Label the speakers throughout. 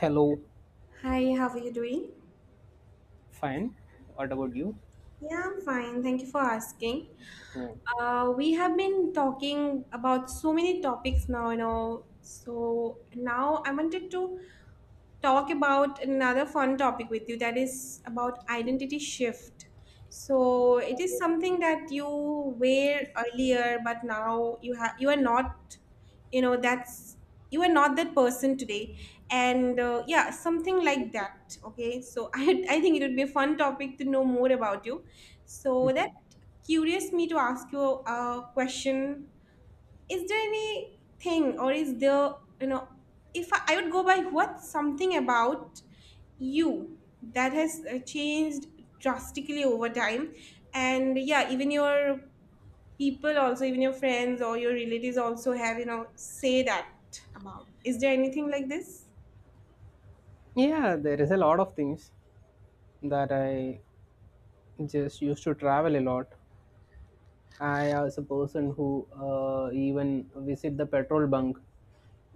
Speaker 1: Hello,
Speaker 2: Hi, how are you doing?
Speaker 1: fine. What about you?
Speaker 2: Yeah, I'm fine. Thank you for asking.
Speaker 1: Hmm.
Speaker 2: We have been talking about so many topics now, you know. So now I wanted to talk about another fun topic with you that is about identity shift. So it is something that you were earlier, but now you are not, you know, that's you are not that person today, and yeah, something like that. Okay, so I think it would be a fun topic to know more about you. So that curious me to ask you a question, is there anything or is there, you know, if I, I would go by what, something about you that has changed drastically over time, and yeah, even your people also, even your friends or your relatives also have, you know, say that about, is there anything like this?
Speaker 1: Yeah, there is a lot of things that I just used to travel a lot. I was a person who even visit the petrol bunk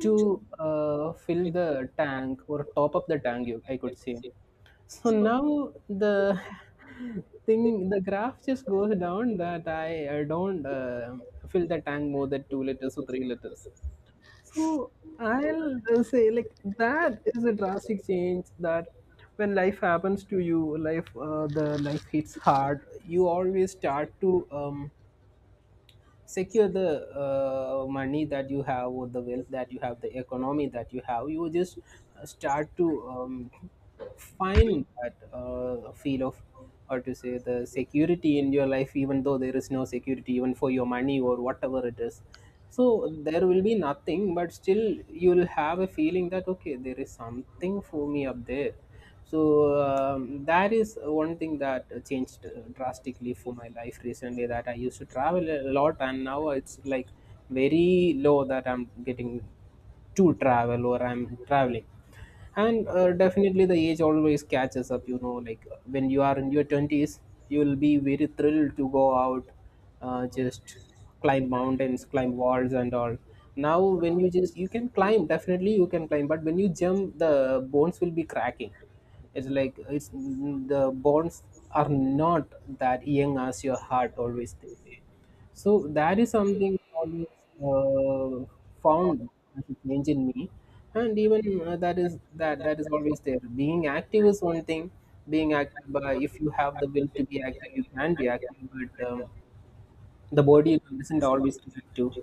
Speaker 1: to fill the tank or top up the tank. You, I could say. So now the thing, the graph just goes down that I don't fill the tank more than 2 liters or 3 liters. So I'll say like that is a drastic change that when life happens to you, life the life hits hard. You always start to secure the money that you have, or the wealth that you have, the economy that you have. You just start to find that feel of, or to say, the security in your life, even though there is no security even for your money or whatever it is. So there will be nothing, but still you will have a feeling that okay, there is something for me up there. So that is one thing that changed drastically for my life recently, that I used to travel a lot and now it's like very low that I'm getting to travel or I'm traveling. And definitely the age always catches up, you know, like when you are in your 20s you will be very thrilled to go out, just climb mountains, climb walls and all. Now when you just, you can climb, definitely you can climb, but when you jump the bones will be cracking. It's like, it's the bones are not that young as your heart, always they say. So that is something always uh, found as a change in me. And even that is that that is always there. Being active is one thing, being active, but if you have the will to be active you can be active, but the body doesn't always react to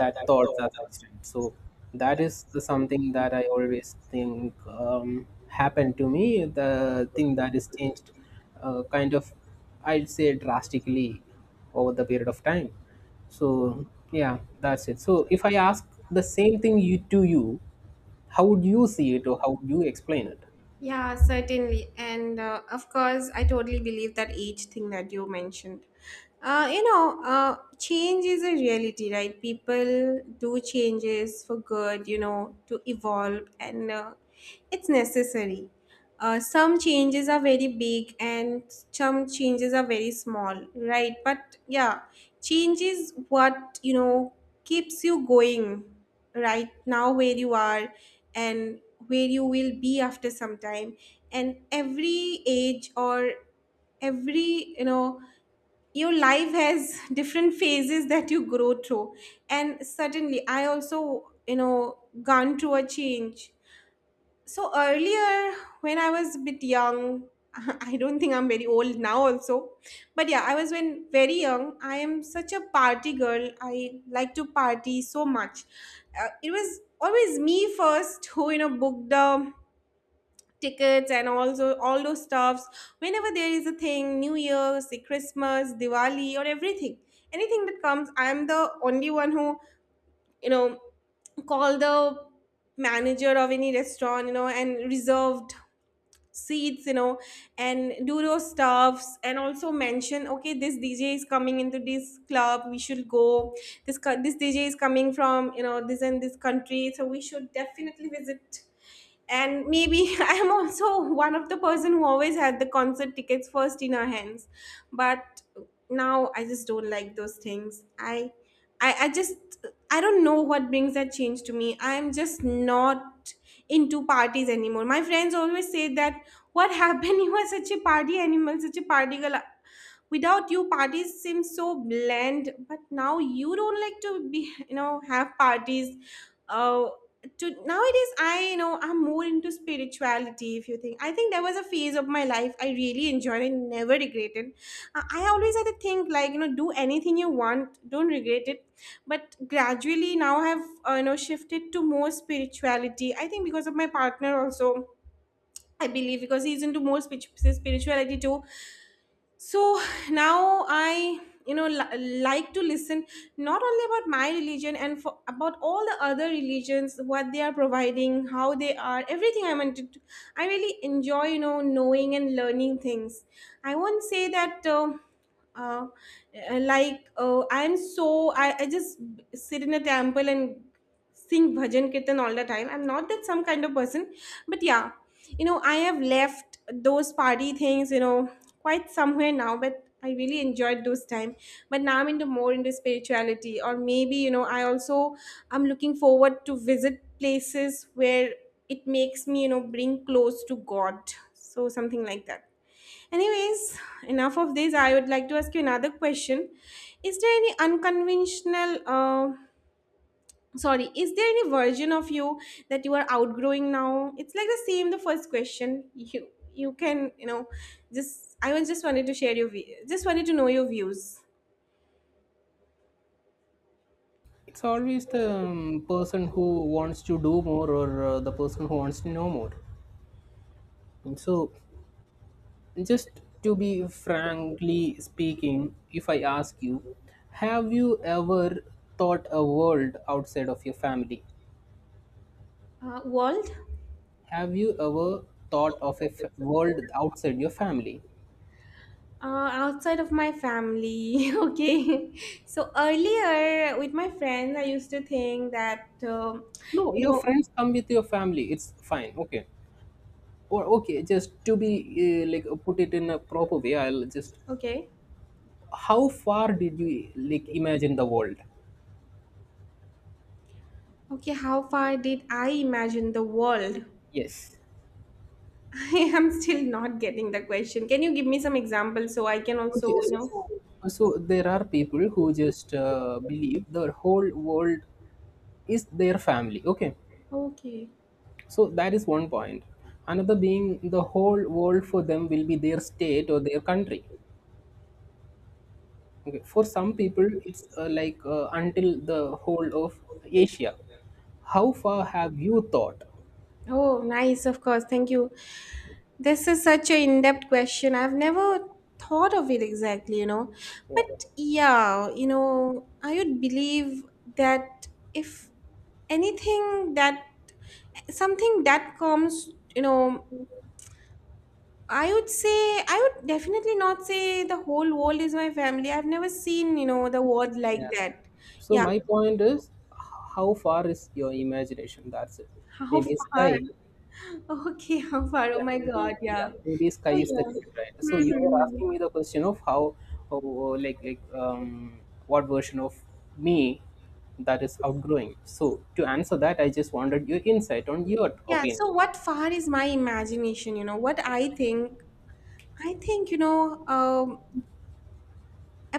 Speaker 1: that thoughts as extent. So that is the something that I always think happened to me. The thing that is changed, kind of, I'd say drastically over the period of time. So yeah, that's it. So if I ask the same thing you to you, how would you see it, or how would you explain it?
Speaker 2: Yeah, certainly. And of course, I totally believe that each thing that you mentioned. Change is a reality, right? People do changes for good, you know, to evolve, and it's necessary. Some changes are very big and some changes are very small, right? But yeah, change is what, you know, keeps you going right now where you are and where you will be after some time. And every age, or every, you know, your life has different phases that you grow through. And certainly I also, you know, gone through a change. So earlier, when I was a bit young, I don't think I'm very old now also, but yeah, I was when very young. I am such a party girl. I like to party so much. It was always me first who, you know, booked the tickets and also all those stuffs. Whenever there is a thing, New Year's, say Christmas, Diwali, or everything, anything that comes, I am the only one who, you know, call the manager of any restaurant, you know, and reserved seats, you know, and do those stuffs. And also mention, okay, this dj is coming into this club, we should go. This dj is coming from, you know, this and this country, so we should definitely visit. And maybe I'm also one of the person who always had the concert tickets first in our hands. But now I just don't like those things. I just, I don't know what brings that change to me. I'm just not into parties anymore. My friends always say that, what happened? You are such a party animal, such a party girl. Without you, parties seem so bland. But now you don't like to be, you know, have parties. Uh, to Nowadays, I know I'm more into spirituality. If you think, I think there was a phase of my life I really enjoyed and never regretted. I always had to think like, you know, do anything you want, don't regret it. But gradually now I've you know, shifted to more spirituality. I think because of my partner also, I believe, because he's into more spirituality too. So now I, you know, like to listen not only about my religion and for, about all the other religions, what they are providing, how they are, everything I wanted to, I really enjoy, you know, knowing and learning things. I won't say that uh, I'm so, I just sit in a temple and sing bhajan kirtan all the time. I'm not that some kind of person. But yeah, you know, I have left those party things, you know, quite somewhere now. But I really enjoyed those time. But now I'm into more into spirituality, or maybe, you know, I also, I'm looking forward to visit places where it makes me, you know, bring close to god. So something like that. Anyways, enough of this, I would like to ask you another question. Is there any unconventional sorry, is there any version of you that you are outgrowing now? It's like the same, the first question, you can, you know, just, I was just wanted to share your view, just wanted to know your views.
Speaker 1: It's always the person who wants to do more, or the person who wants to know more. And so, just to be frankly speaking, if I ask you, have you ever thought a world outside of your family?
Speaker 2: World.
Speaker 1: Have you ever thought of a world outside your family?
Speaker 2: Outside of my family. Okay, so earlier with my friends I used to think that um,
Speaker 1: No,
Speaker 2: you
Speaker 1: your
Speaker 2: know.
Speaker 1: friends come with your family. It's fine. Okay. Or okay, just to be put it in a proper way, I'll just,
Speaker 2: Okay.
Speaker 1: how far did you like imagine the world?
Speaker 2: Okay, how far did I imagine the world?
Speaker 1: Yes.
Speaker 2: I am still not getting the question. Can you give me some examples so I can also,
Speaker 1: Okay,
Speaker 2: you know.
Speaker 1: so, so there are people who just believe the whole world is their family, okay.
Speaker 2: Okay.
Speaker 1: So that is one point. Another being, the whole world for them will be their state or their country. Okay, for some people it's until the whole of Asia. How far have you thought?
Speaker 2: Oh, nice, of course. Thank you. This is such an in-depth question. I've never thought of it exactly, you know.
Speaker 1: Yeah,
Speaker 2: But yeah, you know, I would believe that, if anything that, something that comes, you know, I would say, I would definitely not say the whole world is my family. I've never seen, you know, the word like
Speaker 1: yeah.
Speaker 2: that.
Speaker 1: So
Speaker 2: Yeah.
Speaker 1: my point is, how far is your imagination, that's it.
Speaker 2: How
Speaker 1: Maybe
Speaker 2: far?
Speaker 1: sky.
Speaker 2: Okay, how far? Oh my God,
Speaker 1: Yeah,
Speaker 2: yeah.
Speaker 1: maybe sky
Speaker 2: So
Speaker 1: is the
Speaker 2: yeah.
Speaker 1: limit, right? So you were
Speaker 2: Hmm.
Speaker 1: asking me the question of how, oh, oh, like, what version of me that is outgrowing. So to answer that, I just wanted your insight on your
Speaker 2: Yeah,
Speaker 1: opinion.
Speaker 2: so what far is my imagination, you know, what I think, you know,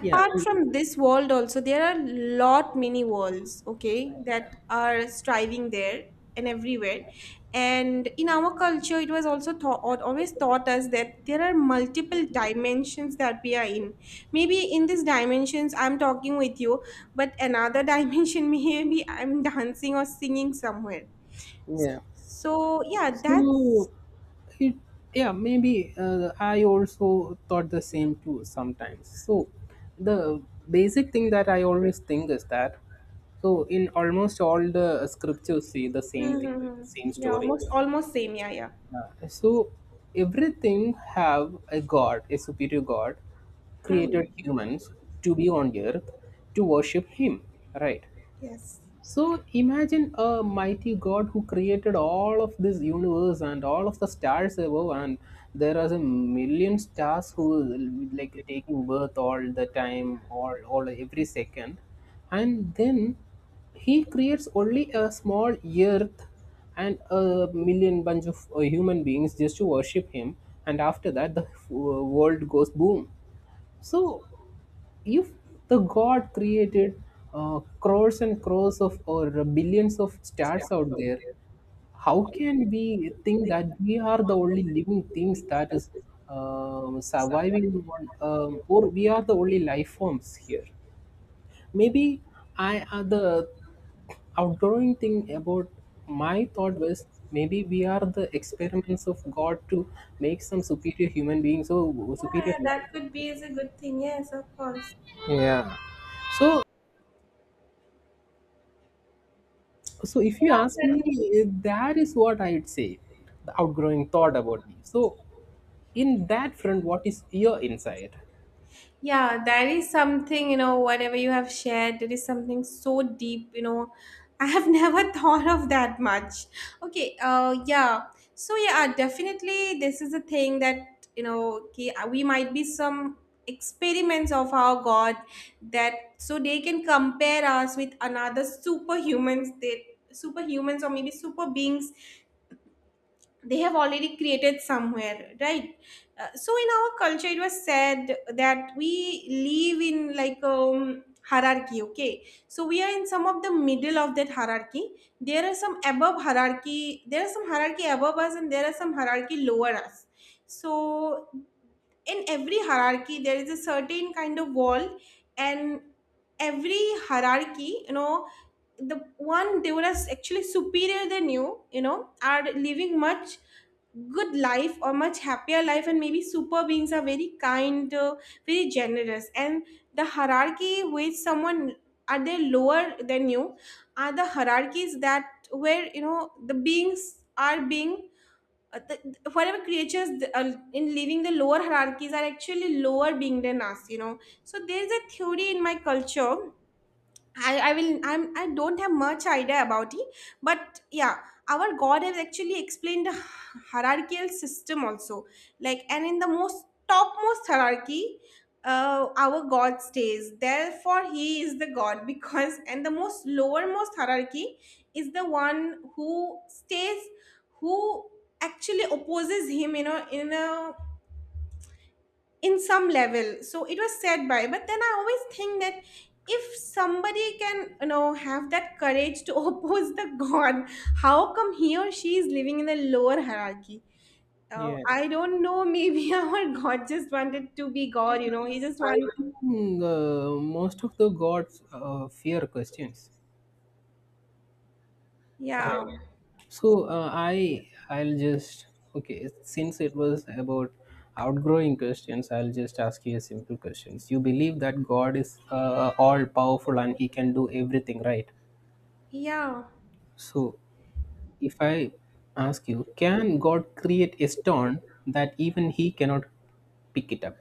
Speaker 1: Yeah, and
Speaker 2: from this world also, there are lot many worlds, okay, that are striving there and everywhere. And in our culture, it was also taught, always taught us that there are multiple dimensions that we are in. Maybe in these dimensions, I'm talking with you, but another dimension, maybe I'm dancing or singing somewhere.
Speaker 1: yeah.
Speaker 2: So yeah,
Speaker 1: So
Speaker 2: that's.
Speaker 1: it, yeah, maybe I also thought the same too sometimes. So the basic thing that I always think is that, so in almost all the scriptures say the same thing, like
Speaker 2: Mm-hmm.
Speaker 1: the same
Speaker 2: Yeah,
Speaker 1: story.
Speaker 2: almost almost same. Yeah, yeah.
Speaker 1: Yeah. So everything have a god, a superior god,
Speaker 2: Hmm.
Speaker 1: created
Speaker 2: Yeah.
Speaker 1: humans to be on earth to worship him, right?
Speaker 2: Yes.
Speaker 1: So imagine a mighty God who created all of this universe and all of the stars above, and there are a million stars who is like taking birth all the time, all every second, and then he creates only a small earth and a million bunch of human beings just to worship him, and after that the world goes boom. So if the god created crores and crores of, or billions of stars out there, how can we think that we are the only living things that is surviving on, or we are the only life forms here? Maybe I the outgoing thing about my thought was, maybe we are the experiments of god to make some superior human beings or superior
Speaker 2: Yeah, that could be
Speaker 1: life.
Speaker 2: is a good thing. Yes, of course.
Speaker 1: Yeah, so, so if you
Speaker 2: Yeah,
Speaker 1: ask
Speaker 2: certainly.
Speaker 1: me, eh, that is what I'd say, the outgrowing thought about me. So in that front, what is your insight?
Speaker 2: Yeah, that is something, you know, whatever you have shared, that is something so deep, you know. I have never thought of that much. Okay, yeah. So, yeah, definitely this is a thing that, you know, okay, we might be some experiments of our God, that so they can compare us with another superhumans, they superhumans or maybe super beings they have already created somewhere, right? So in our culture it was said that we live in like hierarchy, okay, so we are in some of the middle of that hierarchy. There are some above hierarchy, there are some hierarchy above us, and there are some hierarchy lower us. So in every hierarchy there is a certain kind of wall. And every hierarchy, you know, the one they were as actually superior than you, you know, are living much good life or much happier life. And maybe super beings are very kind, very generous. And the hierarchy with someone, are they lower than you, are the hierarchies that where, you know, the beings are being the- whatever creatures in living the lower hierarchies are actually lower being than us, you know. So there is a theory in my culture, I will, I don't have much idea about it, but yeah, our God has actually explained the hierarchical system also. Like and in the most topmost hierarchy, our God stays. Therefore, He is the God because. And the most lowermost hierarchy is the one who stays, who actually opposes Him. You know, in a, in some level, so it was said by. But then I always think that if somebody can, you know, have that courage to oppose the god, how come he or she is living in a lower hierarchy? Oh,
Speaker 1: Yeah,
Speaker 2: I don't know, maybe our god just wanted to be
Speaker 1: yeah,
Speaker 2: god, you know, he just
Speaker 1: I
Speaker 2: wanted.
Speaker 1: think most of the gods fear questions.
Speaker 2: Yeah.
Speaker 1: Right. So I'll just, okay, since it was about outgrowing questions, I'll just ask you a simple questions. You believe that God is all powerful and He can do everything, right?
Speaker 2: Yeah.
Speaker 1: So if I ask you, can God create a stone that even He cannot pick it up?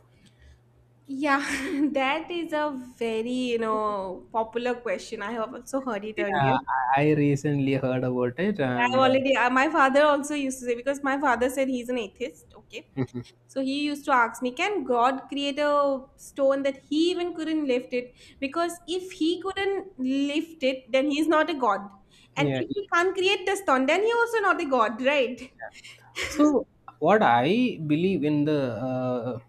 Speaker 2: yeah that is a very, you know, popular question, I have also heard it
Speaker 1: Yeah,
Speaker 2: earlier.
Speaker 1: I recently heard about it,
Speaker 2: I've
Speaker 1: and
Speaker 2: already, my father also used to say, because my father said he's an atheist, okay? So he used to ask me, can God create a stone that he even couldn't lift it? Because if he couldn't lift it, then he's not a God. And
Speaker 1: yeah.
Speaker 2: if he can't create the stone, then he also not a God, right?
Speaker 1: So, what I believe in the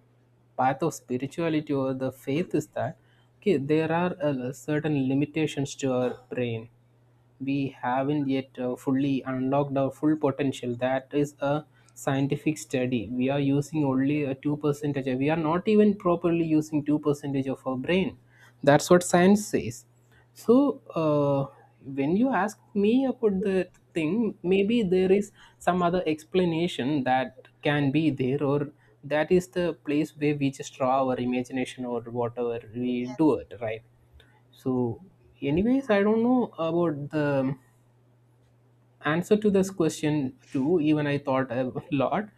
Speaker 1: path of spirituality or the faith is that, okay, there are certain limitations to our brain. We haven't yet fully unlocked our full potential. That is a scientific study. We are using only a two percentage. We are not even properly using two percentage of our brain. That's what science says. So, when you ask me about the thing, maybe there is some other explanation that can be there, or that is the place where we just draw our imagination, or whatever we do
Speaker 2: Yes.
Speaker 1: it, right? So, anyways, I don't know about the answer to this question too. Even I thought a lot.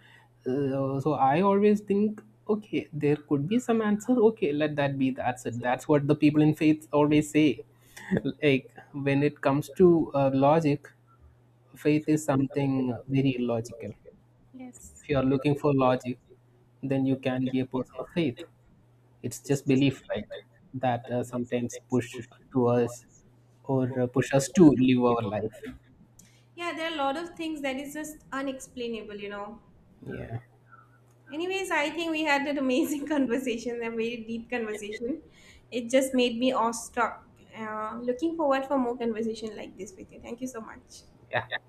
Speaker 1: So I always think, okay, there could be some answer, okay, let that be, that's it. That's what the people in faith always say. Like, when it comes to logic, faith is something very illogical.
Speaker 2: Yes.
Speaker 1: If you are looking for logic, then you can be a person of faith. It's just belief, right? That sometimes push to us, or push us to live our life.
Speaker 2: Yeah, there are a lot of things that is just unexplainable, you know.
Speaker 1: Yeah,
Speaker 2: Anyways, I think we had an amazing conversation, a very deep conversation. It just made me awestruck. Looking forward for more conversation like this with you. Thank you so much.
Speaker 1: yeah.